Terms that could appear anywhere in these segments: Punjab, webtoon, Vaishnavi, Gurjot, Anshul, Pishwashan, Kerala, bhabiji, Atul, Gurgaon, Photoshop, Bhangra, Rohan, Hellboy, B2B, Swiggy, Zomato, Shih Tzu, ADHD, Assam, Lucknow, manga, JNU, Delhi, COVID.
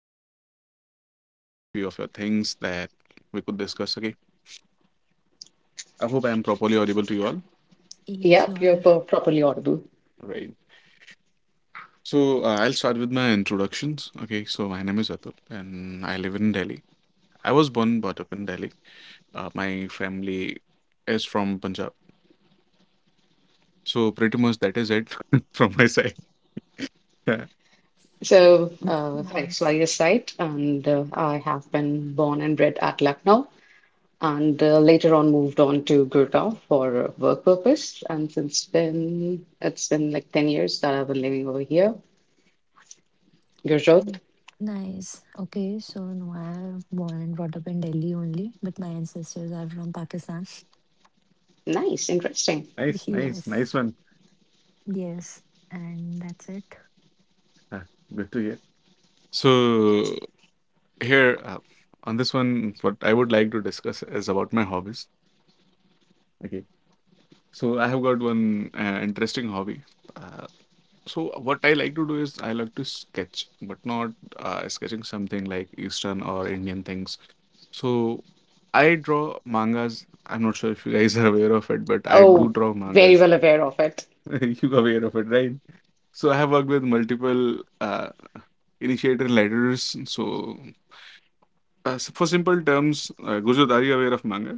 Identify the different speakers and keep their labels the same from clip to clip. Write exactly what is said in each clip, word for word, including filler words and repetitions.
Speaker 1: today here to discuss a few of your things that we could discuss. Okay, I hope I am properly audible to you all.
Speaker 2: Yes,
Speaker 3: yep,
Speaker 2: you
Speaker 3: you're
Speaker 2: are.
Speaker 3: per properly audible.
Speaker 1: Right. So uh, I'll start with my introductions. Okay, so my name is Atul and I live in Delhi. I was born and brought up in Delhi. Uh, my family is from Punjab. So pretty much that is it from my side. Okay.
Speaker 3: So, uh, hi,
Speaker 2: Nice.
Speaker 3: Swaya's site, and uh, I have been born and bred at Lucknow, and uh, later on moved on to Gurgaon for work purpose. And since then, it's been like ten years that I've been living over here. Gurjot,
Speaker 2: Mm. Nice. Okay, so no, I am born and brought up in Delhi only, but my ancestors are from Pakistan.
Speaker 3: nice, interesting.
Speaker 1: Nice, nice, nice
Speaker 2: Yes.
Speaker 1: one.
Speaker 2: Yes. And that's it.
Speaker 1: Uh, good to hear. So here uh, on this one, what I would like to discuss is about my hobbies. Okay. So I have got one uh, interesting hobby. Uh, So what I like to do is I like to sketch, but not uh, sketching something like Eastern or Indian things. So I draw mangas. I'm not sure if you guys are aware of it, but I do
Speaker 3: Oh,
Speaker 1: draw
Speaker 3: very
Speaker 1: mangas.
Speaker 3: well aware of it.
Speaker 1: You aware of it, right? So I have worked with multiple uh, initiator letters. So uh, s- for simple terms, uh, Gurjot, are you aware of manga?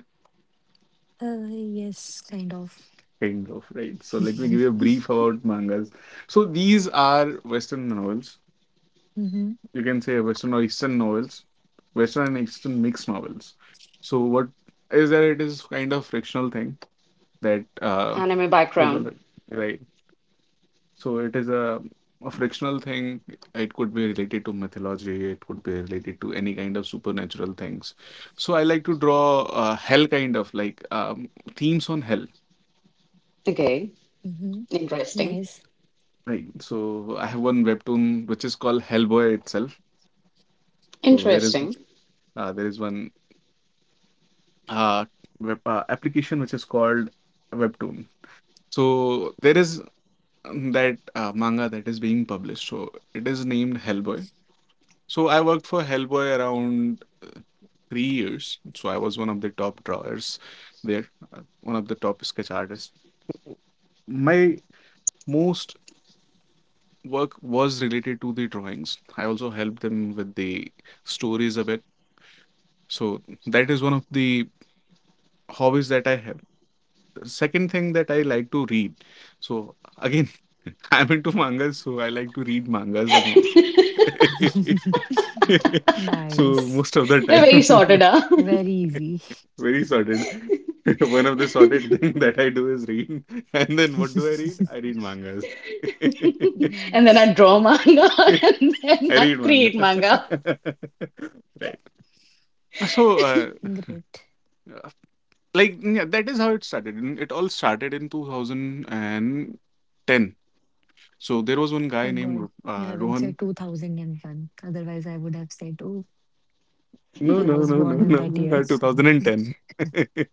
Speaker 2: Uh, yes, kind of.
Speaker 1: Kind of, right? So let me give you a brief about mangas. So these are Western novels.
Speaker 2: Mm-hmm.
Speaker 1: You can say Western or Eastern novels, Western and Eastern mixed novels. So what is that? It is kind of frictional thing that uh,
Speaker 3: Anime
Speaker 1: is all
Speaker 3: background,
Speaker 1: right. Right. So it is a, a frictional thing. It could be related to mythology. It could be related to any kind of supernatural things. So I like to draw uh, hell kind of like um, themes on hell.
Speaker 3: okay,
Speaker 2: Mm-hmm.
Speaker 3: interesting,
Speaker 2: Nice.
Speaker 1: Right. So I have one webtoon which is called Hellboy itself. So there is
Speaker 3: interesting.
Speaker 1: uh, there is one uh, web uh, application which is called webtoon. So there is um, that uh, manga that is being published, so it is named Hellboy. So I worked for Hellboy around uh, three years. So I was one of the top drawers there, uh, one of the top sketch artists. My most work was related to the drawings. I also helped them with the stories a bit. So that is one of the hobbies that I have. Second thing that I like to read. So again, I'm into mangas, so I like to read mangas the most. So
Speaker 2: Nice.
Speaker 1: most of the
Speaker 3: Very sorted,
Speaker 1: time,
Speaker 3: huh?
Speaker 2: Very easy.
Speaker 1: very sorted. One of the sorted thing that I do is read, and then what do I read? I read mangas.
Speaker 3: And then I
Speaker 2: Nice.
Speaker 3: draw manga and then
Speaker 1: I
Speaker 3: I
Speaker 1: read manga.
Speaker 3: create manga.
Speaker 1: Right. So, uh,
Speaker 2: Great.
Speaker 1: uh, like, yeah, that is how it started. And it all started in two thousand ten. So there was one guy
Speaker 2: Thank
Speaker 1: named
Speaker 2: God you
Speaker 1: uh,
Speaker 2: haven't
Speaker 1: Rohan.
Speaker 2: said two thousand one. Otherwise, I would have said, oh,
Speaker 1: No,
Speaker 2: I
Speaker 1: no,
Speaker 2: was
Speaker 1: no, no,
Speaker 2: born in that
Speaker 1: no.
Speaker 2: year.
Speaker 1: twenty ten.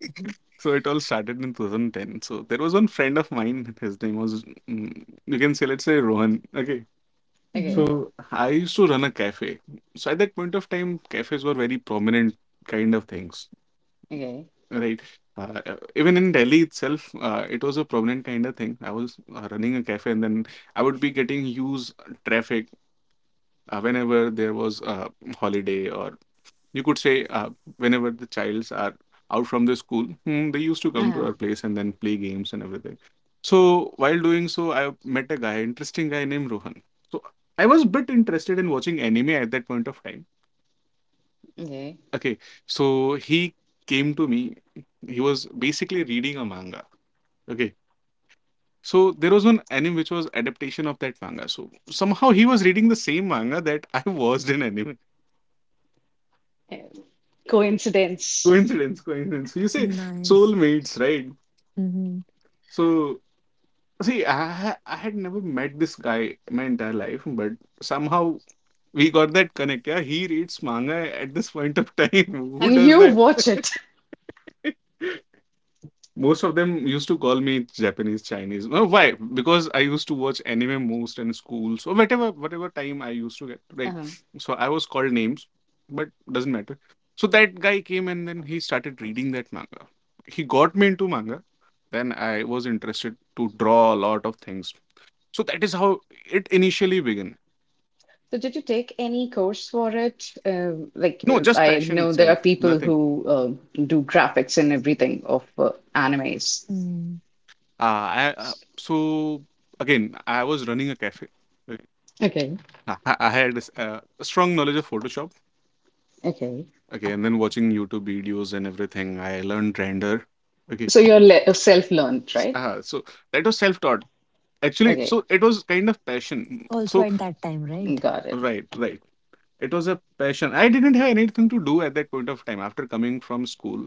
Speaker 1: So it all started in twenty ten. So there was one friend of mine. His name was, mm, you can say, let's say Rohan. Okay.
Speaker 2: Mm-hmm.
Speaker 3: Okay,
Speaker 1: So I used to run a cafe. So at that point of time, cafes were very prominent kind of things,
Speaker 3: okay,
Speaker 1: right? Uh, uh, even in Delhi itself, uh, it was a prominent kind of thing. I was uh, running a cafe, and then I would be getting huge traffic uh, whenever there was a holiday, or you could say uh, whenever the childs are out from the school, hmm, they used to come to
Speaker 3: um,
Speaker 1: our place and then play games and everything. So while doing so, I met a guy, interesting guy named Rohan. So I was a bit interested in watching anime at that point of time.
Speaker 3: okay.
Speaker 1: Okay. So he came to me. He was basically reading a manga. Okay. So there was one anime which was adaptation of that manga, so somehow he was reading the same manga that I watched in anime.
Speaker 3: Uh, Coincidence.
Speaker 1: Coincidence, coincidence, you say.
Speaker 2: Nice.
Speaker 1: Soulmates, right?
Speaker 2: Mm-hmm.
Speaker 1: So see, I ha- I had never met this guy in my entire life, but somehow we got that connect. Yeah, he reads manga at this point of time. Who
Speaker 3: And
Speaker 1: does
Speaker 3: you
Speaker 1: that?
Speaker 3: watch it.
Speaker 1: Most of them used to call me Japanese, Chinese. No, why? Because I used to watch anime most in school. So whatever, whatever time I used to get, right?
Speaker 3: Um,
Speaker 1: So I was called names, but doesn't matter. So that guy came and then he started reading that manga. He got me into manga. Then I was interested to draw a lot of things, so that is how it initially began.
Speaker 3: so did you take any course for it? Um like
Speaker 1: No,
Speaker 3: uh,
Speaker 1: just
Speaker 3: I
Speaker 1: passion
Speaker 3: know there are
Speaker 1: itself,
Speaker 3: people
Speaker 1: nothing.
Speaker 3: who uh, do graphics and everything of uh, animes.
Speaker 2: Mm.
Speaker 1: Uh, I, uh, so again, I was running a cafe. Okay.
Speaker 3: Okay,
Speaker 1: I, I I had this, uh, a strong knowledge of Photoshop.
Speaker 3: okay.
Speaker 1: Okay, and then watching YouTube videos and everything, I learned render. Okay.
Speaker 3: So you're le self-learned,
Speaker 1: S-
Speaker 3: right?
Speaker 1: uh, so that was self-taught. Actually,
Speaker 3: Okay,
Speaker 1: so it was kind of passion. So
Speaker 2: Also at that time, right?
Speaker 3: got it.
Speaker 1: right, right. It was a passion. I didn't have anything to do at that point of time. After coming from school,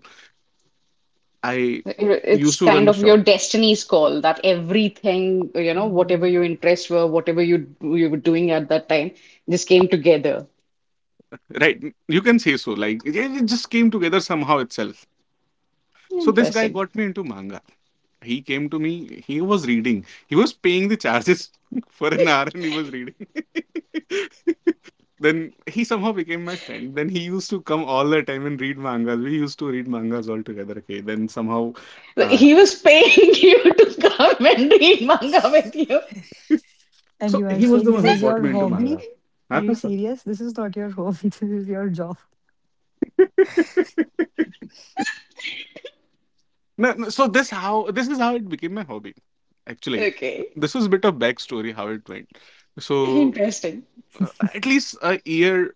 Speaker 1: I
Speaker 3: It's
Speaker 1: used to run
Speaker 3: kind
Speaker 1: the
Speaker 3: of your
Speaker 1: shop.
Speaker 3: destiny's call that everything, you know, whatever
Speaker 2: Mm.
Speaker 3: your interests were, whatever you you were doing at that time, just came together.
Speaker 1: Right. You can say so. Like it, it just came together somehow itself. So this guy
Speaker 3: Interesting.
Speaker 1: got me into manga. He came to me. He was reading. He was paying the charges for an hour, and he was reading. Then he somehow became my friend. Then he used to come all the time and read mangas. We used to read mangas all together. Okay. Then somehow, uh,
Speaker 3: He was paying you to come and read manga with you.
Speaker 1: so
Speaker 2: And you
Speaker 1: he
Speaker 2: are
Speaker 1: was the
Speaker 2: saying
Speaker 1: one
Speaker 2: this
Speaker 1: who
Speaker 2: is
Speaker 1: brought me
Speaker 2: your
Speaker 1: into manga.
Speaker 2: hobby?
Speaker 1: Huh,
Speaker 2: Are you
Speaker 1: sir?
Speaker 2: serious? This is not your hobby. This is your job.
Speaker 1: No, no, so this how this is how it became my hobby. Actually,
Speaker 3: Okay.
Speaker 1: this was a bit of backstory how it went. So
Speaker 3: Interesting.
Speaker 1: uh, at least a year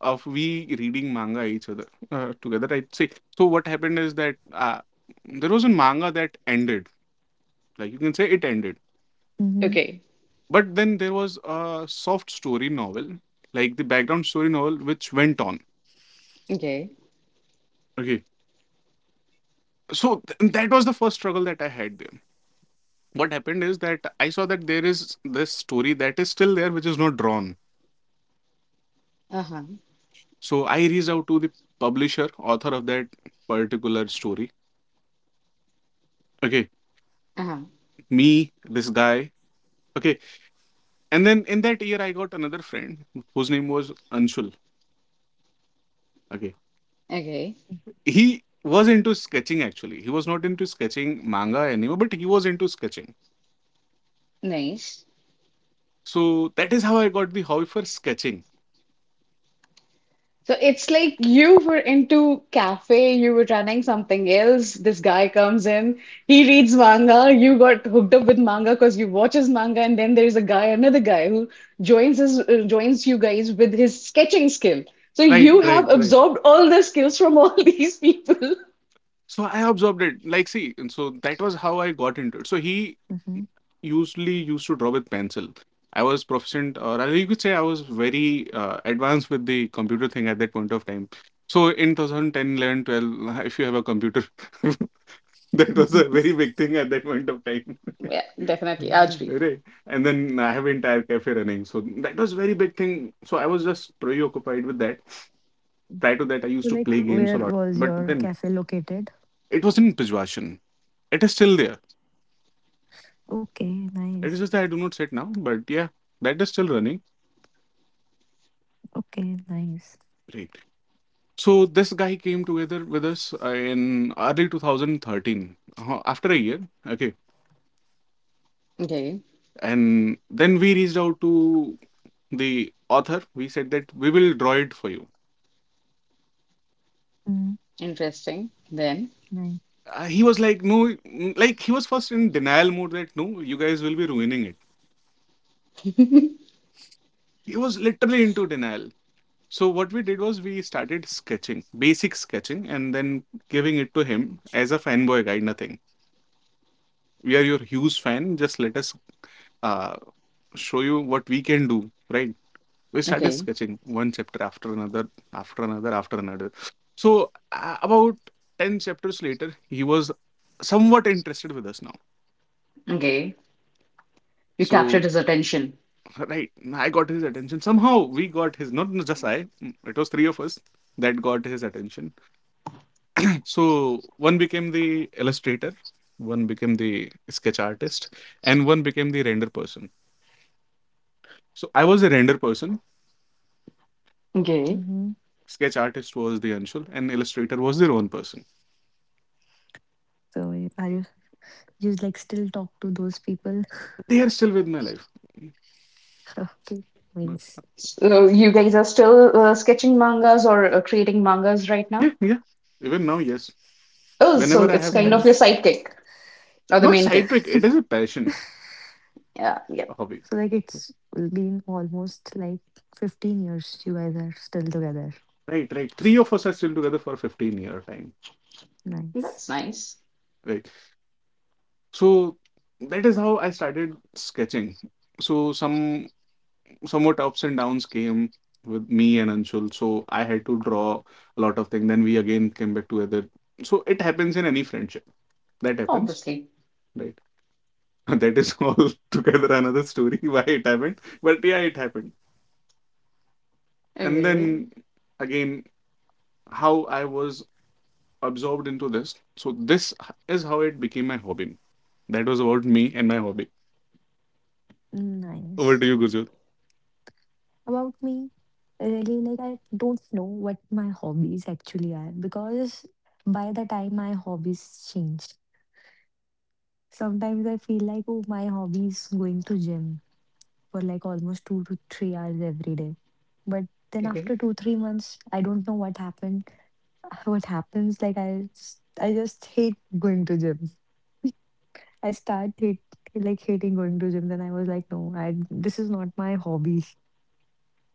Speaker 1: of we reading manga each other uh, together. I'd say. So what happened is that uh, there was a manga that ended. Like you can say it ended.
Speaker 2: Mm-hmm.
Speaker 3: Okay.
Speaker 1: But then there was a soft story novel, like the background story novel, which went on.
Speaker 3: Okay.
Speaker 1: Okay. So th- that was the first struggle that I had there. What happened is that I saw that there is this story that is still there, which is not drawn.
Speaker 3: Uh-huh.
Speaker 1: So I reached out to the publisher, author of that particular story. Okay,
Speaker 3: Uh-huh.
Speaker 1: me, this guy. Okay, and then in that year, I got another friend whose name was Anshul. Okay,
Speaker 3: Okay.
Speaker 1: he was into sketching actually. He was not into sketching manga anymore, but he was into sketching.
Speaker 3: Nice.
Speaker 1: So that is how I got the hobby for sketching.
Speaker 3: So it's like you were into cafe, you were running something else. This guy comes in, he reads manga. You got hooked up with manga because you watch his manga, and then there's a guy, another guy who joins his uh, joins you guys with his sketching skill. So
Speaker 1: Right,
Speaker 3: you
Speaker 1: right,
Speaker 3: have
Speaker 1: right.
Speaker 3: absorbed all the skills from all these people.
Speaker 1: So I absorbed it. Like, see, and so that was how I got into it. So he
Speaker 2: Mm-hmm.
Speaker 1: usually used to draw with pencil. I was proficient, or I- you could say I was very uh, advanced with the computer thing at that point of time. So in two thousand ten, eleven, twelve, if you have a computer, that was a very big thing at that point of time.
Speaker 3: Yeah, definitely. Ajbi.
Speaker 1: Right. And then I have entire cafe running. So that was very big thing. So I was just preoccupied with that. Prior to that, I used
Speaker 2: So,
Speaker 1: to
Speaker 2: like,
Speaker 1: play games a
Speaker 2: where
Speaker 1: lot.
Speaker 2: was
Speaker 1: But
Speaker 2: your
Speaker 1: then
Speaker 2: cafe located?
Speaker 1: it was in Pishwashan. It is still there.
Speaker 2: Okay, nice.
Speaker 1: It is just that I do not sit now, but yeah, that is still running.
Speaker 2: Okay, nice.
Speaker 1: Great. So this guy came together with us uh, in early two thousand thirteen, uh, after a year. Okay,
Speaker 3: Okay,
Speaker 1: and then we reached out to the author. We said that we will draw it for you.
Speaker 2: Mm,
Speaker 3: interesting. Then,
Speaker 2: nice.
Speaker 1: Uh, he was like, no, mm, like he was first in denial mode that no, you guys will be ruining it. He was literally into denial. So what we did was we started sketching, basic sketching, and then giving it to him as a fanboy guide, nothing. We are your huge fan. Just let us uh, show you what we can do, right? We started
Speaker 3: okay,
Speaker 1: sketching one chapter after another, after another, after another. So, uh, about ten chapters later, he was somewhat interested with us now.
Speaker 3: okay, you captured
Speaker 1: So,
Speaker 3: his attention.
Speaker 1: right, I got his attention. Somehow, we got his, not just I, mm, it was three of us that got his attention. So, one became the illustrator, one became the sketch artist, and one became the render person. So, I was a render person.
Speaker 3: Okay.
Speaker 2: Mm-hmm.
Speaker 1: Sketch artist was the Anshul, and illustrator was their own person.
Speaker 2: So, y- are you you like still talk to those people?
Speaker 1: They are still with my life.
Speaker 2: Okay, nice.
Speaker 3: So you guys are still uh, sketching mangas or uh, creating mangas right
Speaker 1: Yeah,
Speaker 3: now?
Speaker 1: yeah. Even now, yes.
Speaker 3: Oh, so
Speaker 1: Whenever I
Speaker 3: it's
Speaker 2: That's
Speaker 1: have
Speaker 3: kind of
Speaker 1: time,
Speaker 3: your
Speaker 2: nice.
Speaker 3: sidekick or the
Speaker 1: not
Speaker 3: main
Speaker 1: side
Speaker 3: kick.
Speaker 1: pick. It is a passion,
Speaker 3: Yeah,
Speaker 1: a
Speaker 3: yep.
Speaker 1: hobby.
Speaker 2: So like it's been almost like fifteen years you guys are still together.
Speaker 1: Right, right. Three of us are still together for fifteen year time.
Speaker 3: That's
Speaker 2: Nice.
Speaker 3: nice.
Speaker 1: Right. So that is how I started sketching. So some somewhat ups and downs came with me and Anshul. So I had to draw a lot of things. Then we again came back together. So it happens in any friendship. That happens.
Speaker 3: Obviously.
Speaker 1: Right. That is all together another story why it happened. But yeah, it happened. And
Speaker 3: Okay.
Speaker 1: then again, how I was absorbed into this. So this h- is how it became my hobby. That was about me and my hobby. Over
Speaker 2: Nice.
Speaker 1: to you, Gujot.
Speaker 2: About me, really like I don't know what my hobbies actually are because by the time my hobbies changed, sometimes I feel like oh my hobbies going to gym for like almost two to three hours every day. But then
Speaker 3: Okay.
Speaker 2: after two, three months, I don't know what happened. What happens like I just, I just hate going to gym. I start hate, like hating going to gym. Then I was like, no, I this is not my hobby.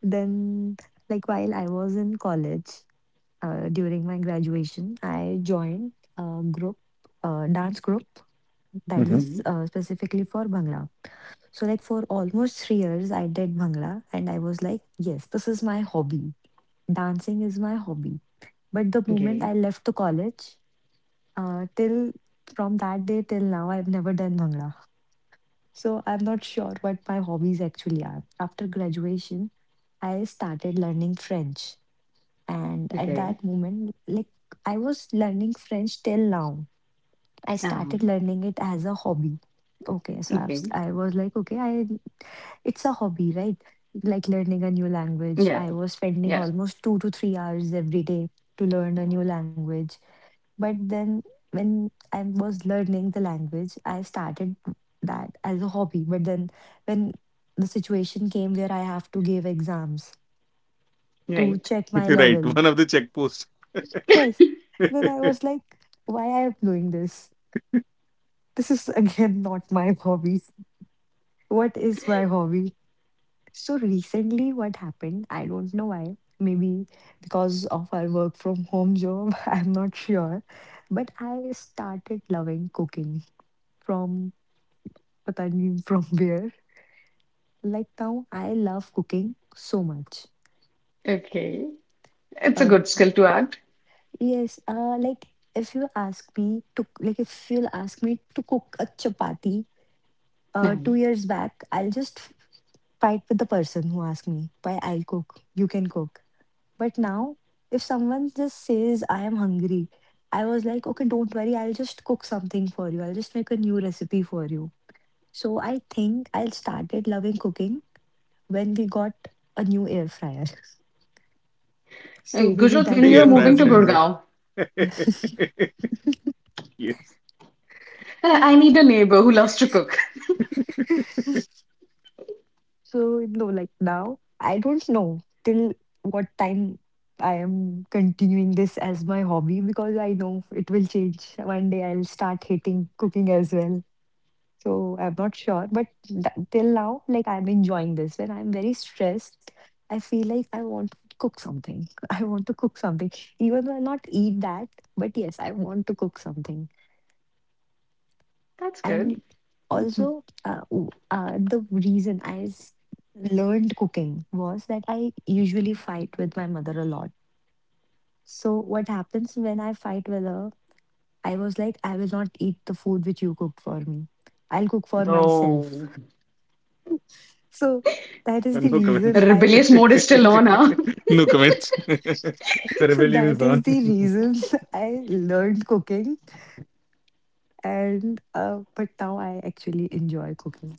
Speaker 2: Then, like while I was in college, uh, during my graduation, I joined a group, a dance group that
Speaker 1: Hmm.
Speaker 2: is
Speaker 3: Hmm.
Speaker 2: uh, specifically for Bhangra. So like for almost three years, I did Bhangra, and I was like, yes, this is my hobby. Dancing is my hobby. But the moment I
Speaker 3: Okay.
Speaker 2: left the college, uh, till from that day till now, I've never done Bhangra. So I'm not sure what my hobbies actually are. After graduation, I started learning French. And at
Speaker 3: Okay.
Speaker 2: that moment, like I was learning French till now. I started
Speaker 3: Um,
Speaker 2: learning it as a hobby. Okay, so I've, s-
Speaker 3: okay.
Speaker 2: i have I was like, okay, I it's a hobby, right? Like learning a new language.
Speaker 3: Yeah.
Speaker 2: I was spending
Speaker 3: Yeah.
Speaker 2: almost two to three hours every day to learn a new language. But then when I was learning the language, I started that as a hobby. But then when the situation came where I have to give exams to
Speaker 3: Right.
Speaker 2: check my
Speaker 1: Right,
Speaker 2: level,
Speaker 1: one of the checkposts.
Speaker 2: yes, then I was like, why I am doing this? This is again not my hobby. What is my hobby? So recently what happened, I don't know why. Maybe because of our work from home job, I'm not sure. But I started loving cooking from पता नहीं from where. Like now, I love cooking so much.
Speaker 3: Okay. It's a good
Speaker 2: much
Speaker 3: skill to add.
Speaker 2: yes uh like if you ask me to like if you'll ask me to cook a chapati uh two
Speaker 3: Mhm.
Speaker 2: years back, I'll just fight with the person who asked me, why I'll cook? You can cook. But now if someone just says I am hungry, I was like, okay, don't worry, I'll just cook something for you. I'll just make a new recipe for you. So I think I started loving cooking when we got a new air fryer. So
Speaker 3: Hey,
Speaker 2: maybe
Speaker 3: Gujot,
Speaker 2: that
Speaker 3: when
Speaker 2: is
Speaker 3: you're
Speaker 1: Air
Speaker 2: the
Speaker 1: fryer
Speaker 3: moving to
Speaker 2: reason.
Speaker 1: syndrome.
Speaker 3: Gurgaon,
Speaker 1: Yes.
Speaker 3: I I need a neighbor who loves to cook.
Speaker 2: So no, like now, I don't know till what time I am continuing this as my hobby because I know it will change. One day I'll start hating cooking as well. So I'm not sure, but th- till now, like I'm enjoying this. When I'm very stressed, I feel like I want to cook something. I want to cook something, even though I not eat that. But yes, I want to cook something.
Speaker 3: That's
Speaker 2: And
Speaker 3: good.
Speaker 1: Mm.
Speaker 2: also, uh, w- uh, the reason I s- learned cooking was that I usually fight with my mother a lot. So, what happens when I fight with her? I was like, I will not eat the food which you cooked for me. I'll cook for myself.
Speaker 3: Oh.
Speaker 2: So, that is the
Speaker 1: No
Speaker 2: reason
Speaker 1: comments.
Speaker 2: I.
Speaker 3: Rebellious mode is still on, huh?
Speaker 1: No comments. The
Speaker 2: So,
Speaker 1: rebellion is
Speaker 2: that
Speaker 1: on.
Speaker 2: is the reason I learned cooking. And, uh, but now I actually enjoy cooking.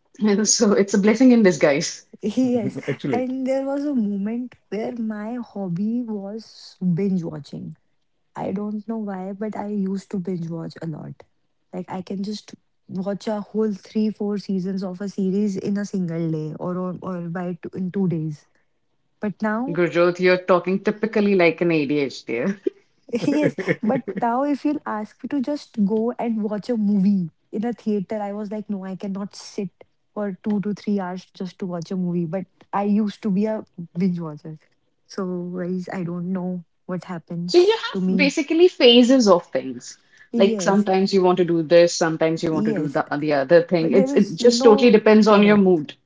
Speaker 3: And so it's a blessing in disguise.
Speaker 2: Yes,
Speaker 1: Actually.
Speaker 2: and there was a moment where my hobby was binge watching. I don't know why, but I used to binge watch a lot. Like I can just watch a whole three, four seasons of a series in a single day or or, or by two, in two days. But now.
Speaker 3: Gurjot, you're talking typically like an A D H D.
Speaker 2: Yes, but now if you'll ask me to just go and watch a movie in a theater, I was like, no, I cannot sit for two to three hours just to watch a movie. But I used to be a binge watcher. So guys, I don't know what
Speaker 3: So you
Speaker 2: happens to
Speaker 3: have
Speaker 2: me.
Speaker 3: basically phases of things. Like
Speaker 2: Yes,
Speaker 3: sometimes you want to do this, sometimes you want to do
Speaker 2: yes,
Speaker 3: the, the other thing.
Speaker 2: but there
Speaker 3: It's it
Speaker 2: is
Speaker 3: just totally
Speaker 2: no
Speaker 3: depends on your
Speaker 2: correct.
Speaker 3: mood.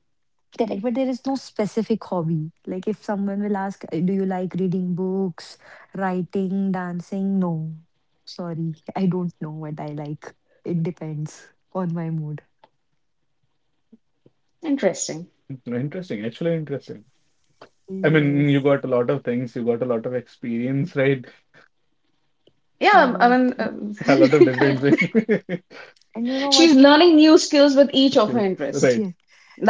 Speaker 2: Correct, but there is no specific hobby. Like if someone will ask, "Uh, do you like reading books, writing, dancing? No. Sorry, I don't know what I like. It depends on my mood.
Speaker 3: Interesting.
Speaker 1: Interesting, actually interesting. I mean, you
Speaker 2: Yes,
Speaker 1: got a lot of things, you got a lot of experience, right?
Speaker 3: Yeah, um, I
Speaker 2: correct.
Speaker 3: mean, um,
Speaker 1: A lot of different things.
Speaker 2: And you know what?
Speaker 3: she's learning new skills with each of her
Speaker 1: Skills,
Speaker 3: interests.
Speaker 1: right?
Speaker 2: Yes,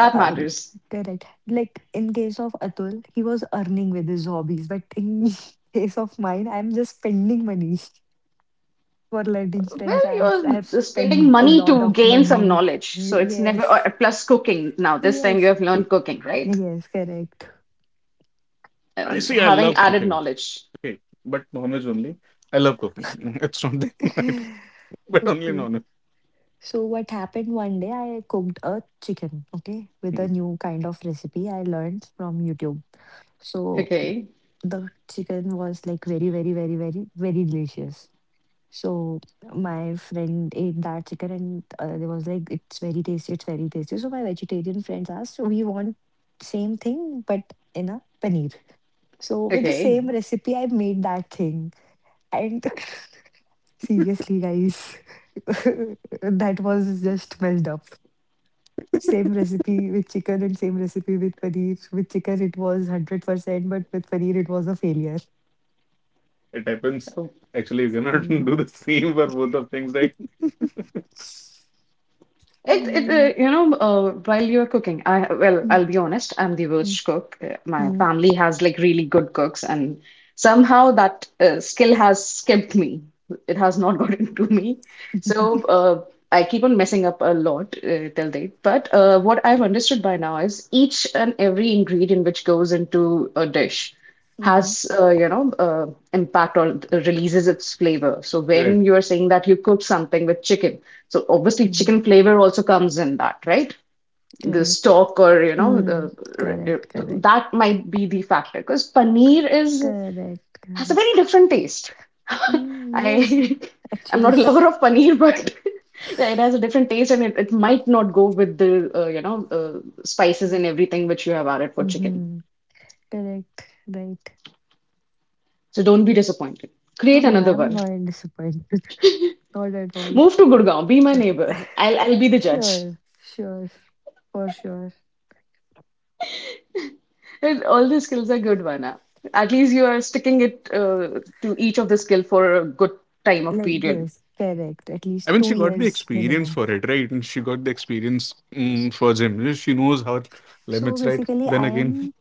Speaker 2: uh, uh,
Speaker 3: matters.
Speaker 2: correct. Like in case of Atul, he was earning with his hobbies, but in case of mine, I'm just spending money for learning French.
Speaker 3: Well,
Speaker 2: I'm I have
Speaker 3: you're spending
Speaker 2: spent a
Speaker 3: money
Speaker 2: lot
Speaker 3: to
Speaker 2: of
Speaker 3: gain some
Speaker 2: money.
Speaker 3: knowledge.
Speaker 2: Y-
Speaker 3: So it's never or,
Speaker 2: Yes,
Speaker 3: plus cooking. Cooking, now this time you
Speaker 2: yes.
Speaker 3: have learned cooking, right?
Speaker 2: Yes, correct.
Speaker 1: I
Speaker 3: Um,
Speaker 1: see. I
Speaker 3: having
Speaker 1: love
Speaker 3: added
Speaker 1: cooking.
Speaker 3: knowledge.
Speaker 1: Okay, but non-veg only. I love cooking. It's not that, I don't- but only
Speaker 2: Okay.
Speaker 1: non-veg.
Speaker 2: So what happened one day, I cooked a chicken, okay, with
Speaker 1: Mm,
Speaker 2: a new kind of recipe I learned from YouTube. So
Speaker 3: Okay,
Speaker 2: the chicken was like very, very, very, very, very delicious. So my friend ate that chicken and uh, they was like, it's very tasty, it's very tasty. So my vegetarian friends asked, we want same thing but in a paneer. So with the
Speaker 3: okay.
Speaker 2: same recipe, I made that thing. And seriously, guys, that was just messed up. Same recipe with chicken and same recipe with paneer. With chicken, it was one hundred percent, but with paneer, it was a failure.
Speaker 1: it happens.
Speaker 3: Oh.
Speaker 1: Actually, you cannot
Speaker 2: Mm.
Speaker 1: do the same for both of things, right?
Speaker 3: It, it
Speaker 2: Mm,
Speaker 3: uh, you know, uh, while you're cooking, I well,
Speaker 2: mm,
Speaker 3: I'll be honest, I'm the
Speaker 2: mm,
Speaker 3: worst cook. Uh, My
Speaker 2: mm,
Speaker 3: family has like really good cooks, and somehow that uh, skill has skipped me. It has not gotten to me. So uh, I keep on messing up a lot uh, till date. But uh, what I've understood by now is each and every ingredient which goes into a dish
Speaker 2: mhm,
Speaker 3: has uh, you know uh, impact or releases its flavor. So
Speaker 1: Right.
Speaker 3: when you're saying that you cook something with chicken. So obviously,
Speaker 2: mhm.
Speaker 3: chicken flavor also comes in that, right? The
Speaker 2: Correct.
Speaker 3: stock or you know
Speaker 2: Mm.
Speaker 3: the
Speaker 2: Correct. Correct.
Speaker 3: that might be the factor because paneer is
Speaker 2: Correct.
Speaker 3: has a very
Speaker 2: Correct.
Speaker 3: different taste.
Speaker 2: Mm, yes,
Speaker 3: I I'm
Speaker 2: actually.
Speaker 3: not a lover of paneer, but yeah, it has a different taste and it, it might not go with the uh, you know uh, spices and everything which you have added for chicken.
Speaker 2: Mm-hmm. Correct. Right.
Speaker 3: So don't be disappointed.
Speaker 2: No,
Speaker 3: Create
Speaker 2: no,
Speaker 3: another
Speaker 2: I'm
Speaker 3: one.
Speaker 2: not disappointed. Not at all.
Speaker 3: Move to Gurgaon. Be my neighbor. I'll I'll be the judge.
Speaker 2: Sure, sure, for sure.
Speaker 3: And all the skills are good, Vana. At least you are sticking it uh, to each of the skill for a good time of
Speaker 2: Like,
Speaker 3: period.
Speaker 2: yes, correct. At
Speaker 1: I
Speaker 2: least
Speaker 1: mean, she
Speaker 2: two
Speaker 1: got the
Speaker 2: years
Speaker 1: experience
Speaker 2: minimum.
Speaker 1: for it, right? And she got the experience mm, for gym. She knows her
Speaker 2: So
Speaker 1: limits, right?
Speaker 2: basically,
Speaker 1: Then
Speaker 2: I
Speaker 1: again,
Speaker 2: am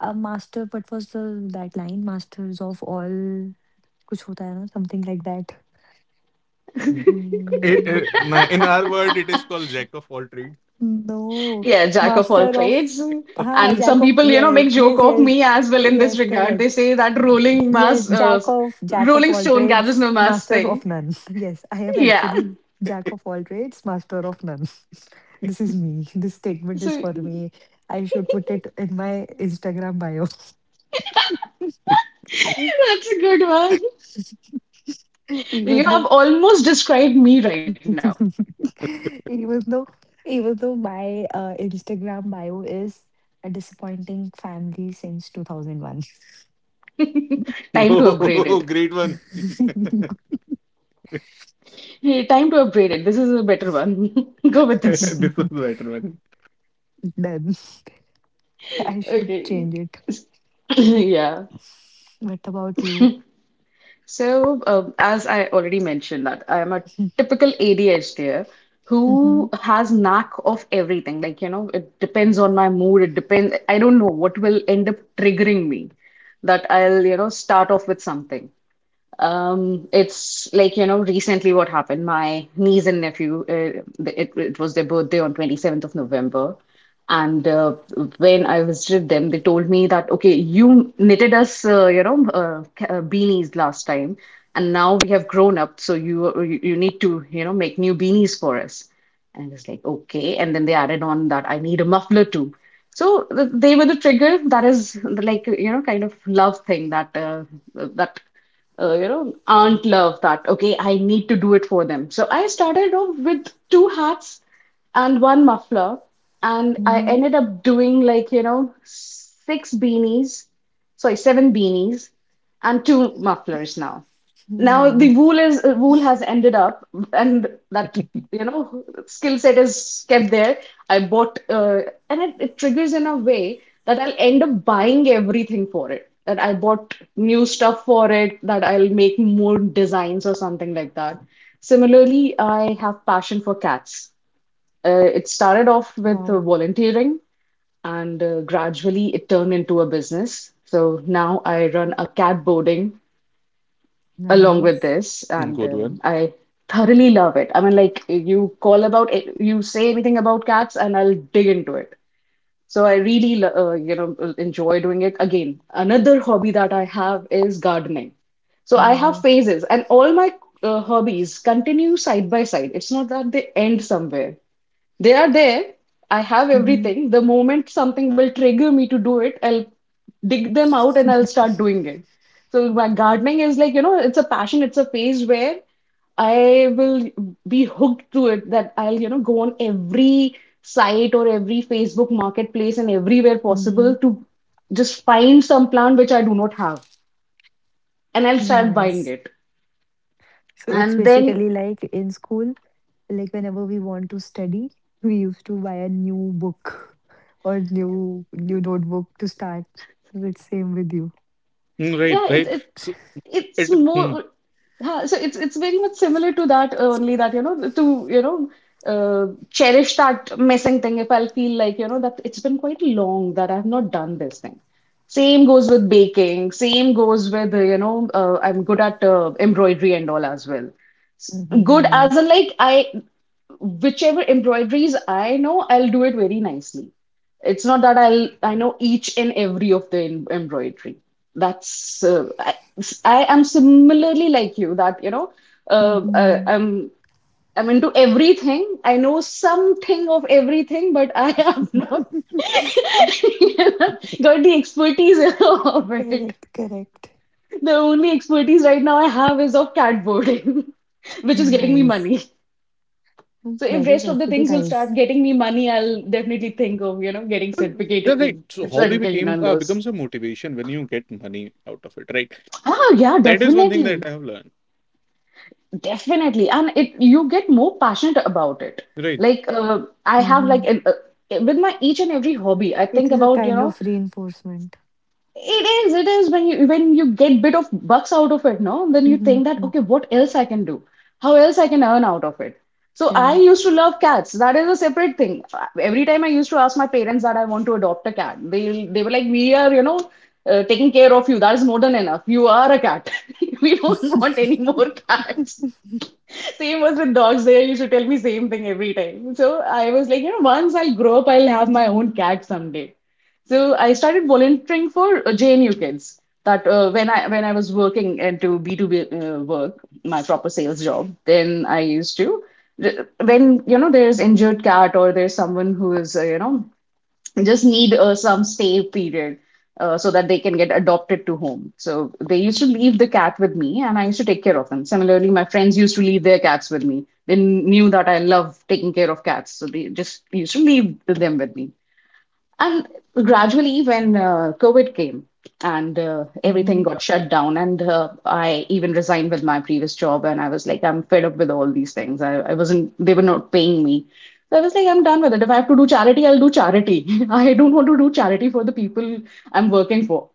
Speaker 2: a master. What was the that line? Masters of all. कुछ होता है ना, something like that.
Speaker 1: i-
Speaker 2: Mm.
Speaker 1: i- na- in our word, it is called jack of all trades.
Speaker 2: No,
Speaker 3: Yeah, jack of all
Speaker 2: master of,
Speaker 3: trades.
Speaker 2: ha,
Speaker 1: Okay.
Speaker 3: And
Speaker 2: jack
Speaker 3: some
Speaker 2: of,
Speaker 3: people, you know,
Speaker 2: yes,
Speaker 3: make
Speaker 2: yes,
Speaker 3: joke of
Speaker 2: yes,
Speaker 3: me as well in
Speaker 2: yes,
Speaker 3: this regard. They
Speaker 2: correct.
Speaker 3: say that rolling
Speaker 2: Yes,
Speaker 3: mass,
Speaker 2: jack
Speaker 3: uh,
Speaker 2: of, jack of
Speaker 3: rolling
Speaker 2: all
Speaker 3: stone gathers
Speaker 2: trades,
Speaker 3: no mass
Speaker 2: master of
Speaker 3: thing.
Speaker 2: none. Yes, I am
Speaker 3: Yeah.
Speaker 2: actually jack of all trades, master of none. This is me. This statement is
Speaker 3: So
Speaker 2: for me. I should put it in my Instagram bio.
Speaker 3: that's a good one.
Speaker 2: Even
Speaker 3: You have
Speaker 2: though,
Speaker 3: almost described me right now.
Speaker 2: even though, even though my uh, Instagram bio is a disappointing family since two thousand one.
Speaker 3: Time to upgrade
Speaker 1: Oh,
Speaker 3: it.
Speaker 1: great one. This
Speaker 3: Hey, time to upgrade it. This is a better one. Go with
Speaker 1: is
Speaker 3: this.
Speaker 1: better one.
Speaker 2: Then I should
Speaker 3: Okay.
Speaker 2: change it.
Speaker 3: Yeah.
Speaker 2: What about you?
Speaker 3: So, um, as I already mentioned that I am a typical A D H D
Speaker 2: Hmm.
Speaker 3: who has knack of everything. Like, you know, it depends on my mood. It depends. I don't know what will end up triggering me that I'll, you know, start off with something. Um, it's like, you know, recently what happened, my niece and nephew, uh, it, it was their birthday on twenty-seventh of November. And uh, when I visited them, they told me that, okay, you knitted us, uh, you know, uh, ca- uh, beanies last time, and now we have grown up, so you you you need to, you know, make new beanies for us. And it's like, okay. And then they added on that I need a muffler too. So th- they were the trigger. That is like, you know, kind of love thing that uh, that uh, you know, aunt love that, okay, I need to do it for them. So I started off with two hats and one muffler, and I
Speaker 2: Hmm.
Speaker 3: ended up doing like, you know, six beanies, sorry, seven beanies and two mufflers now. Now
Speaker 2: Wow.
Speaker 3: the wool is uh, wool has ended up, and that you know skill set is kept there. I bought, uh, and it, it triggers in a way that I'll end up buying everything for it. That I bought new stuff for it. That I'll make more designs or something like that. Similarly, I have passion for cats. Uh, it started off with
Speaker 2: Wow.
Speaker 3: uh, volunteering, and uh, gradually it turned into a business. So now I run a cat boarding along with
Speaker 2: Nice.
Speaker 3: this, and
Speaker 1: Good
Speaker 3: um
Speaker 1: one.
Speaker 3: I thoroughly love it. I mean, like you call about it, you say anything about cats, and I'll dig into it. So I really, lo- uh, you know, enjoy doing it. Again, another hobby that I have is gardening. So I have
Speaker 2: Wow.
Speaker 3: phases, and all my uh, hobbies continue side by side. It's not that they end somewhere. They are there. I have everything. The moment something will trigger me to do it, I'll dig them out and I'll start doing it. So my gardening is like, you know, it's a passion, it's a phase where I will be hooked to it that I'll, you know, go on every site or every Facebook marketplace and everywhere
Speaker 2: Mm-hmm. Mm-hmm.
Speaker 3: possible to just find some plant which I do not have and I'll start buying
Speaker 2: Nice.
Speaker 3: it.
Speaker 2: So it's
Speaker 3: And then
Speaker 2: basically like in school, like whenever we want to study, we used to buy a new book or new new notebook to start. So it's same with you.
Speaker 1: Mm,
Speaker 3: yeah,
Speaker 1: right,
Speaker 3: it,
Speaker 1: right.
Speaker 3: it
Speaker 1: So
Speaker 3: it's
Speaker 1: it. Mm.
Speaker 3: more huh, so it's it's very much similar to that uh, only that you know to you know uh, cherish that missing thing if I'll feel like you know that it's been quite long that I've not done this thing. Same goes with baking, same goes with uh, you know uh, I'm good at uh, embroidery and all as well. S-
Speaker 2: Mm-hmm.
Speaker 3: Good as in
Speaker 2: Nice.
Speaker 3: like I whichever embroideries I know, I'll do it very nicely. It's not that I'll I know each and every of the em- embroidery. That's uh, I, I am similarly like you that you know uh, uh,
Speaker 2: Mm-hmm.
Speaker 3: I'm I'm into everything. I know something of everything, but I have not you know, got the expertise of it.
Speaker 2: Correct, correct.
Speaker 3: The only expertise right now I have is of cat boarding, which is getting me
Speaker 2: Nice.
Speaker 3: money.
Speaker 2: Mm,
Speaker 3: So if
Speaker 2: that is
Speaker 3: rest of the
Speaker 2: actually
Speaker 3: things will start
Speaker 2: nice.
Speaker 3: getting me money, I'll definitely think of, you know, getting
Speaker 1: Then
Speaker 3: certificate
Speaker 1: right. So hobby
Speaker 3: certification
Speaker 1: became
Speaker 3: on
Speaker 1: uh,
Speaker 3: those.
Speaker 1: becomes a motivation when you get money out of it, right?
Speaker 3: Ah, yeah,
Speaker 1: That is one thing that
Speaker 3: definitely.
Speaker 1: I have learned.
Speaker 3: Definitely. And it you get more passionate about it.
Speaker 1: Right.
Speaker 3: Like uh, I have like
Speaker 2: Mm-hmm.
Speaker 3: an, uh, With my each and every hobby, I think
Speaker 2: It is a
Speaker 3: about, you
Speaker 2: kind
Speaker 3: know,
Speaker 2: of reinforcement.
Speaker 3: It is, it is when you when you get bit of bucks out of it, no, then you
Speaker 2: Mm-hmm.
Speaker 3: think that
Speaker 2: Hmm.
Speaker 3: okay, what else I can do? How else I can earn out of it? So I
Speaker 2: Correct.
Speaker 3: used to love cats. That is a separate thing. Uh, Every time I used to ask my parents that I want to adopt a cat, they they were like, we are, you know, uh, taking care of you. That is more than enough. You are a cat. We don't want any more cats. Same was with dogs there. You should tell me same thing every time. So I was like, you know, once I'll grow up, I'll have my own cat someday. So I started volunteering for uh, J N U kids. That uh, when I when I was working into B two B uh, work, my proper sales job, then I used to when you know there's injured cat or there's someone who is uh, you know just need uh, some stay period uh, so that they can get adopted to home. So they used to leave the cat with me and I used to take care of them. Similarly, my friends used to leave their cats with me. They knew that I love taking care of cats. So they just used to leave them with me. And gradually, when uh, COVID came and uh, everything
Speaker 2: Mm-hmm.
Speaker 3: got shut down, and uh, I even resigned with my previous job, and I was like, I'm fed up with all these things. I, I wasn't, they were not paying me. So I was like, I'm done with it. If I have to do charity, I'll do charity. I don't want to do charity for the people I'm working for.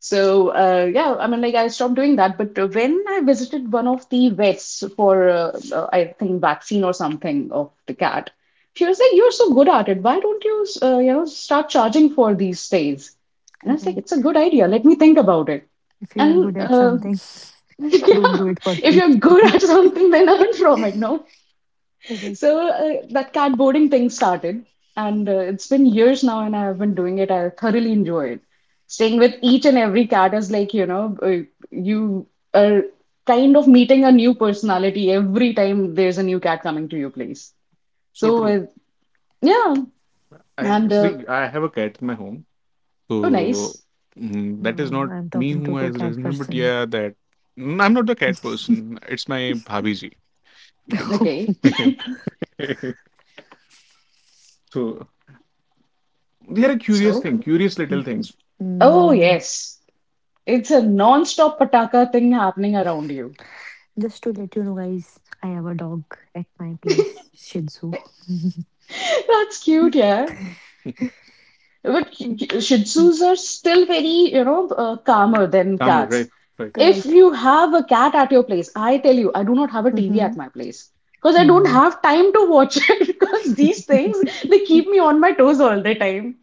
Speaker 3: So uh, yeah, I mean, like I stopped doing that. But uh, when I visited one of the vets for, uh, uh, I think, vaccine or something of the cat, she was like, "You're so good at it. Why don't you, uh, you know, start charging for these stays?" And I was like, "It's a
Speaker 2: Correct.
Speaker 3: good idea. Let me think about it."
Speaker 2: If you are
Speaker 3: And
Speaker 2: good at
Speaker 3: uh,
Speaker 2: something,
Speaker 3: yeah,
Speaker 2: don't do it for
Speaker 3: if
Speaker 2: free.
Speaker 3: you're good at something, then learn from it, no?
Speaker 2: Correct.
Speaker 3: So uh, that cardboarding thing started, and uh, it's been years now, and I've been doing it. I thoroughly enjoy it. Staying with each and every cat is like, you know, uh, you are kind of meeting a new personality every time there's a new cat coming to your place.
Speaker 1: So
Speaker 3: So,
Speaker 1: true.
Speaker 3: uh, yeah,
Speaker 1: I
Speaker 3: and uh,
Speaker 1: see. I have a cat in my home.
Speaker 3: oh,
Speaker 1: So
Speaker 3: nice.
Speaker 1: mm, that is
Speaker 2: Wow,
Speaker 1: not
Speaker 2: I'm
Speaker 1: me
Speaker 2: talking
Speaker 1: who
Speaker 2: to two
Speaker 1: has
Speaker 2: cat
Speaker 1: resident, but
Speaker 2: person.
Speaker 1: yeah, that. Mm, I'm not the cat person. It's my bhabiji, you can say.
Speaker 3: Okay.
Speaker 1: So they are a curious
Speaker 3: So,
Speaker 1: thing, curious little things.
Speaker 3: oh,
Speaker 2: Mm.
Speaker 3: yes, it's a non-stop pataka thing happening around you.
Speaker 2: Just to let you know, guys, I have a dog at my place, Shih Tzu.
Speaker 3: That's
Speaker 2: Mm,
Speaker 3: cute, yeah. But
Speaker 2: mm,
Speaker 3: Shih
Speaker 2: mm.
Speaker 3: Tzus are still very, you know, uh, calmer than
Speaker 1: Kamar,
Speaker 3: cats.
Speaker 1: right? Right.
Speaker 3: If
Speaker 2: Correct.
Speaker 3: you have a cat at your place, I tell you, I do not have a T V
Speaker 2: Mm-hmm.
Speaker 3: at my place because I don't
Speaker 2: Wow.
Speaker 3: have time to watch it because these things they keep me on my toes all the time.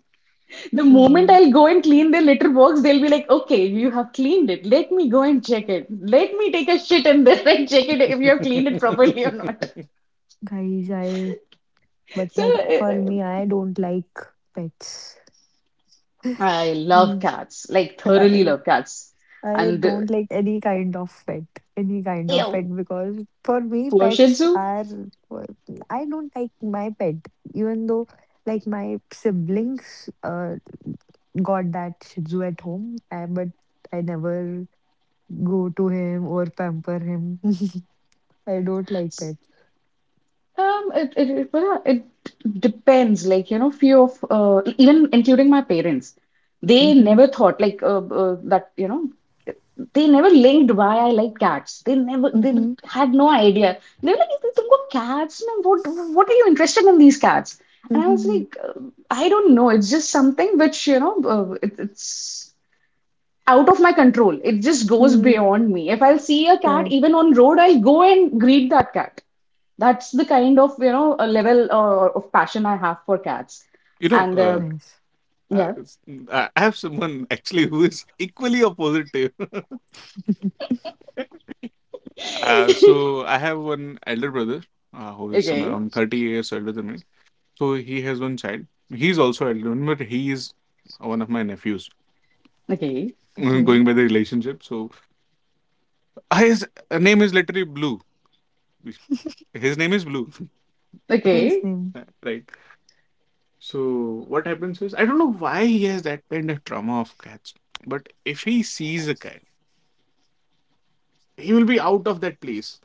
Speaker 3: The moment
Speaker 2: Wow.
Speaker 3: I'll go and clean their litter box, they'll be like, "Okay, you have cleaned it. Let me go and check it. Let me take a shit in there and check it if you have cleaned it properly or not."
Speaker 2: Guys. I But
Speaker 3: So
Speaker 2: like for
Speaker 3: uh,
Speaker 2: me, I don't like pets.
Speaker 3: I love
Speaker 2: Mm.
Speaker 3: cats, like thoroughly
Speaker 2: I,
Speaker 3: love cats,
Speaker 2: I
Speaker 3: and uh,
Speaker 2: don't like any kind of pet, any kind of pet because for me,
Speaker 3: poor Shih
Speaker 2: pets
Speaker 3: Tzu.
Speaker 2: are. Well, I don't like my pet, even though like my siblings uh, got that Shih Tzu at home, I, but I never go to him or pamper him. I don't like
Speaker 3: S-
Speaker 2: pets.
Speaker 3: Um, it, it, it, well, it depends. Like, you know, few of, uh, e- even including my parents, they
Speaker 2: Mm-hmm.
Speaker 3: never thought like uh, uh, that, you know, they never linked why I like cats. They never, they
Speaker 2: Mm-hmm.
Speaker 3: had no idea. They were like, "You तुमको cats में what, what are you interested in these cats? And I was
Speaker 2: Mm-hmm.
Speaker 3: like, uh, I don't know. It's just something which, you know, uh, it, it's out of my control. It just goes
Speaker 2: Mm.
Speaker 3: beyond me. If I'll see a cat,
Speaker 2: Correct.
Speaker 3: even on road, I'll go and greet that cat. That's the kind of, you know, a level uh, of passion I have for cats.
Speaker 1: you know,
Speaker 3: And uh,
Speaker 1: uh,
Speaker 2: Nice.
Speaker 1: uh,
Speaker 3: yeah,
Speaker 1: s- I I have someone actually who is equally opposite to you. Uh, so I have one elder brother uh, who is somewhere
Speaker 3: okay,
Speaker 1: around thirty years older than me. So he has one child. He's also elder, but he is one of my nephews.
Speaker 3: okay,
Speaker 1: Mm,
Speaker 2: Okay.
Speaker 1: going by the relationship. So Ah, his uh, name is literally Blue. His name is Blue,
Speaker 2: Nice
Speaker 3: okay.
Speaker 2: name.
Speaker 1: right? So what happens is I don't know why he has that kind of trauma of cats, but if he sees a cat, he will be out of that place.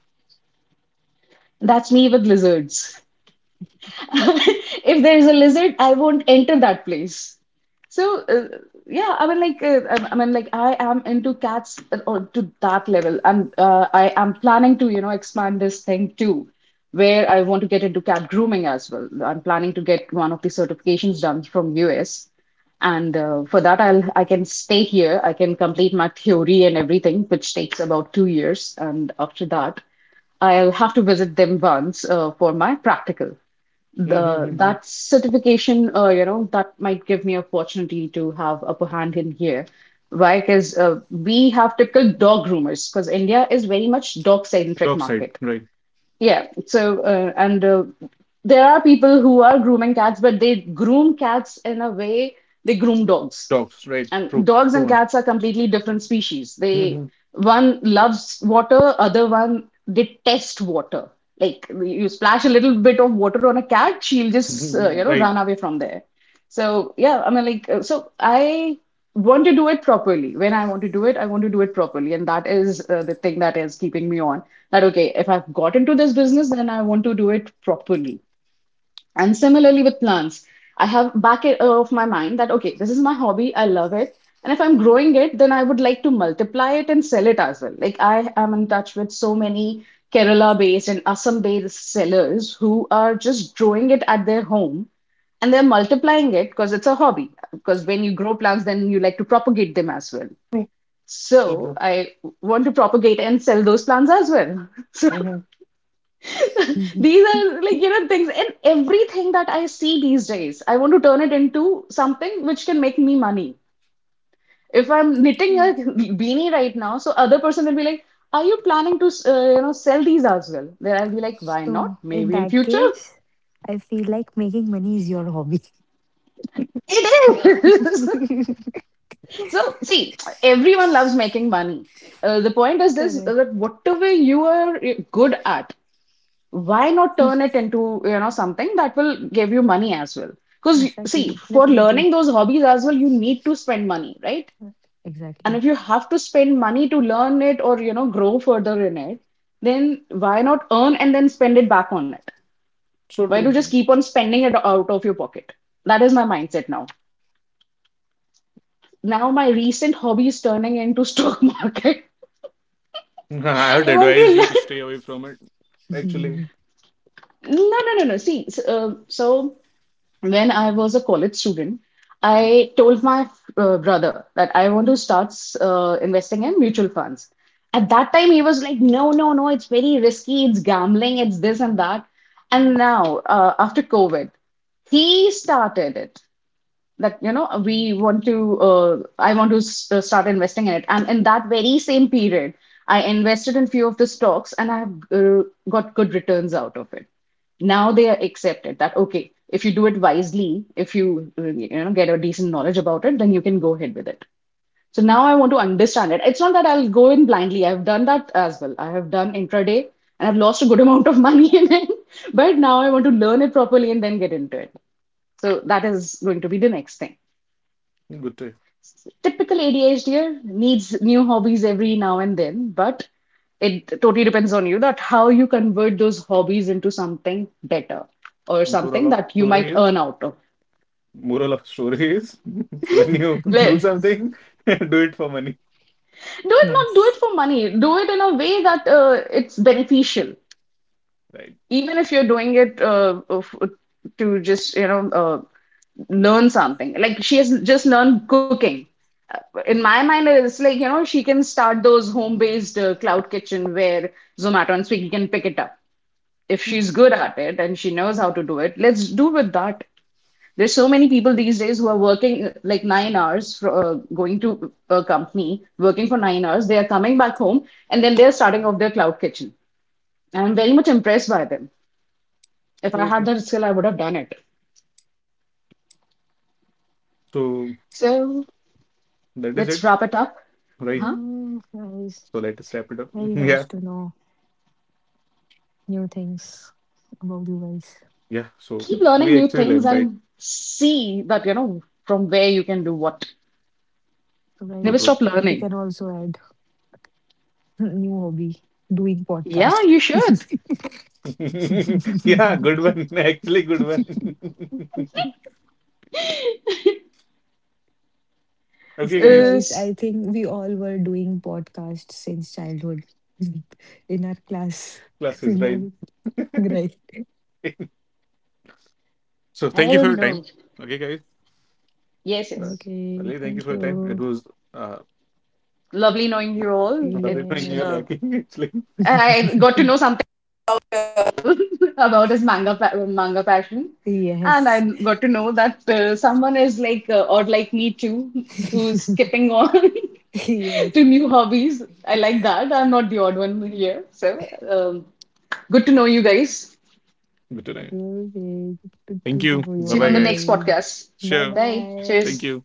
Speaker 3: That's me with lizards. If there's a lizard, I won't enter that place. So uh, yeah, I mean like uh, I I mean like I am into cats uh, or to that level, and uh, I am planning to, you know, expand this thing too, where I want to get into cat grooming as well. I'm planning to get one of the certifications done from U S, and uh, for that I'll I can stay here. I can complete my theory and everything, which takes about two years, and after that I'll have to visit them once uh, for my practical. The
Speaker 1: Mm-hmm.
Speaker 3: That certification, uh, you know that might give me opportunity to have upper hand in here. Why? Because uh, we have typical dog groomers, because India is very much dog centric
Speaker 1: Dog side,
Speaker 3: market,
Speaker 1: right?
Speaker 3: yeah. So, uh, and uh, there are people who are grooming cats, but they groom cats in a way they groom dogs.
Speaker 1: Dogs, right?
Speaker 3: And
Speaker 1: True,
Speaker 3: dogs
Speaker 1: true
Speaker 3: and
Speaker 1: one.
Speaker 3: cats are completely different species. They, one loves water, other one detests water. Like you splash a little bit of water on a cat, she'll just uh,
Speaker 1: Mm-hmm.
Speaker 3: you know
Speaker 1: Right,
Speaker 3: run away from there. So yeah, I mean like, uh, so I want to do it properly. When I want to do it, I want to do it properly. And that is uh, the thing that is keeping me on. That, okay, if I've got into this business, then I want to do it properly. And similarly with plants, I have back of my mind that, okay, this is my hobby. I love it. And if I'm growing it, then I would like to multiply it and sell it as well. Like I am in touch with so many Kerala based and Assam based sellers who are just growing it at their home, and they're multiplying it because it's a hobby, because when you grow plants then you like to propagate them as well.
Speaker 1: true, so
Speaker 3: So
Speaker 1: true.
Speaker 3: I want to propagate and sell those plants as well. So
Speaker 1: Mm.
Speaker 3: these are like, you know, things, and everything that I see these days I want to turn it into something which can make me money. If I'm knitting
Speaker 2: Mm.
Speaker 3: a beanie right now, so other person will be like, are you planning to, uh, you know sell these as well? Then I'll be like, why not,
Speaker 2: So, in
Speaker 3: maybe in
Speaker 2: that
Speaker 3: future.
Speaker 2: case, I feel like making money is your hobby.
Speaker 3: It is. So, see, everyone loves making money. Uh, the point is this,
Speaker 2: Correct.
Speaker 3: uh, that whatever you are good at, why not turn it into, you know, something that will give you money as well? Because, see,
Speaker 2: Exactly.
Speaker 3: for
Speaker 2: Definitely.
Speaker 3: learning those hobbies as well, you need to spend money, right?
Speaker 2: Uh,
Speaker 3: And
Speaker 2: Exactly.
Speaker 3: if you have to spend money to learn it or, you know, grow further in it, then why not earn and then spend it back on it?
Speaker 1: So
Speaker 3: Why do
Speaker 1: true.
Speaker 3: just keep on
Speaker 2: Correct.
Speaker 3: spending it out of your pocket? That is my mindset now. Now my recent hobby is turning into stock market.
Speaker 1: I would
Speaker 3: I want to
Speaker 1: advise you to
Speaker 3: learn.
Speaker 1: stay away from it. Actually,
Speaker 3: No, no, no, no. See, so, uh, so when I was a college student, I told my uh, brother that I want to start uh, investing in mutual funds. At that time, he was like, no, no, no, it's very risky, it's gambling, it's this and that. And now, uh, after COVID, he started it that, you know, we want to uh, I want to s- uh, start investing in it. And in that very same period I invested in few of the stocks, and I have uh, got good returns out of it. Now they are accepted that, okay, if you do it wisely, if you uh, you know get a decent knowledge about it, then you can go ahead with it. So now I want to understand it. It's not that I'll go in blindly. I've done that as well. I have done intraday and I've lost a good amount of money in it. But now I want to learn it properly and then get into it. So that is going to be the next thing.
Speaker 1: good to.
Speaker 3: Typical ADHDer needs new hobbies every now and then, but it totally depends on you that how you convert those hobbies into something better or
Speaker 1: Overall
Speaker 3: something
Speaker 1: of
Speaker 3: that you
Speaker 1: story
Speaker 3: might earn
Speaker 1: is.
Speaker 3: out of.
Speaker 1: Moral of story is when you
Speaker 3: Let,
Speaker 1: do something, do it for money.
Speaker 3: do it not do
Speaker 2: Nice.
Speaker 3: it for money. Do it in a way that uh, it's beneficial.
Speaker 1: Right.
Speaker 3: Even if you're doing it uh, of- to just, you know, uh, learn something. Like she has just learned cooking. Uh, In my mind, it's like, you know, she can start those home-based uh, cloud kitchen where Zomato and Swiggy can pick it up. If
Speaker 1: Hmm.
Speaker 3: she's good at it and she knows how to do it, let's do with that. There's so many people these days who are working uh, like nine hours for uh, going to a company, working for nine hours. They are coming back home and then they're starting off their cloud kitchen. And I'm very much impressed by them. If I
Speaker 1: So
Speaker 3: had
Speaker 1: true.
Speaker 3: that skill, I would have done it.
Speaker 1: So
Speaker 3: So
Speaker 1: that is
Speaker 3: let's
Speaker 1: it.
Speaker 3: wrap it up.
Speaker 1: Right.
Speaker 3: Huh?
Speaker 2: Yeah, guys.
Speaker 1: So let us wrap it up.
Speaker 2: Very nice
Speaker 1: Yeah.
Speaker 2: to know new things about you guys.
Speaker 1: Yeah. So
Speaker 3: Keep learning
Speaker 1: we
Speaker 3: new
Speaker 1: actually
Speaker 3: things
Speaker 1: learned, right?
Speaker 3: and see that, you know, from where you can do what.
Speaker 2: So,
Speaker 1: So
Speaker 3: Never
Speaker 2: guys,
Speaker 1: true.
Speaker 3: stop
Speaker 2: we can
Speaker 3: learning.
Speaker 2: also add new hobby doing
Speaker 3: Yeah,
Speaker 2: podcast.
Speaker 3: you should.
Speaker 1: Yeah, good one. Actually good one. Okay guys.
Speaker 2: Guys, I
Speaker 3: Is
Speaker 2: think we all were doing podcasts since childhood in our class.
Speaker 1: Class
Speaker 2: You
Speaker 1: is right.
Speaker 2: know, right.
Speaker 1: So
Speaker 3: I
Speaker 1: thank you for
Speaker 3: don't
Speaker 1: your
Speaker 3: know.
Speaker 1: time. Okay guys.
Speaker 3: Yes,
Speaker 1: Uh,
Speaker 3: yes.
Speaker 2: Okay,
Speaker 1: Ali, thank
Speaker 2: thank
Speaker 1: you for your time.
Speaker 2: you.
Speaker 1: It was uh
Speaker 3: Lovely knowing you all.
Speaker 1: lovely knowing
Speaker 3: It
Speaker 1: you're
Speaker 2: Yes.
Speaker 3: uh,
Speaker 1: lacking actually.
Speaker 3: I got to know something about his manga pa- manga passion, and
Speaker 2: Yes.
Speaker 3: I got to know that uh, someone is like uh, or like me too, who's skipping on
Speaker 2: Yes.
Speaker 3: to new hobbies. I like that. I'm not the odd one here. So um, good to know you guys.
Speaker 1: Good to know you.
Speaker 2: Okay, good to
Speaker 1: Thank
Speaker 2: know
Speaker 1: you.
Speaker 2: you
Speaker 1: Bye
Speaker 3: See
Speaker 1: bye
Speaker 3: you on the
Speaker 1: guys.
Speaker 3: next
Speaker 2: all.
Speaker 3: podcast.
Speaker 2: Bye
Speaker 1: Sure.
Speaker 3: Bye.
Speaker 2: bye.
Speaker 1: Thank
Speaker 3: Cheers.
Speaker 1: you.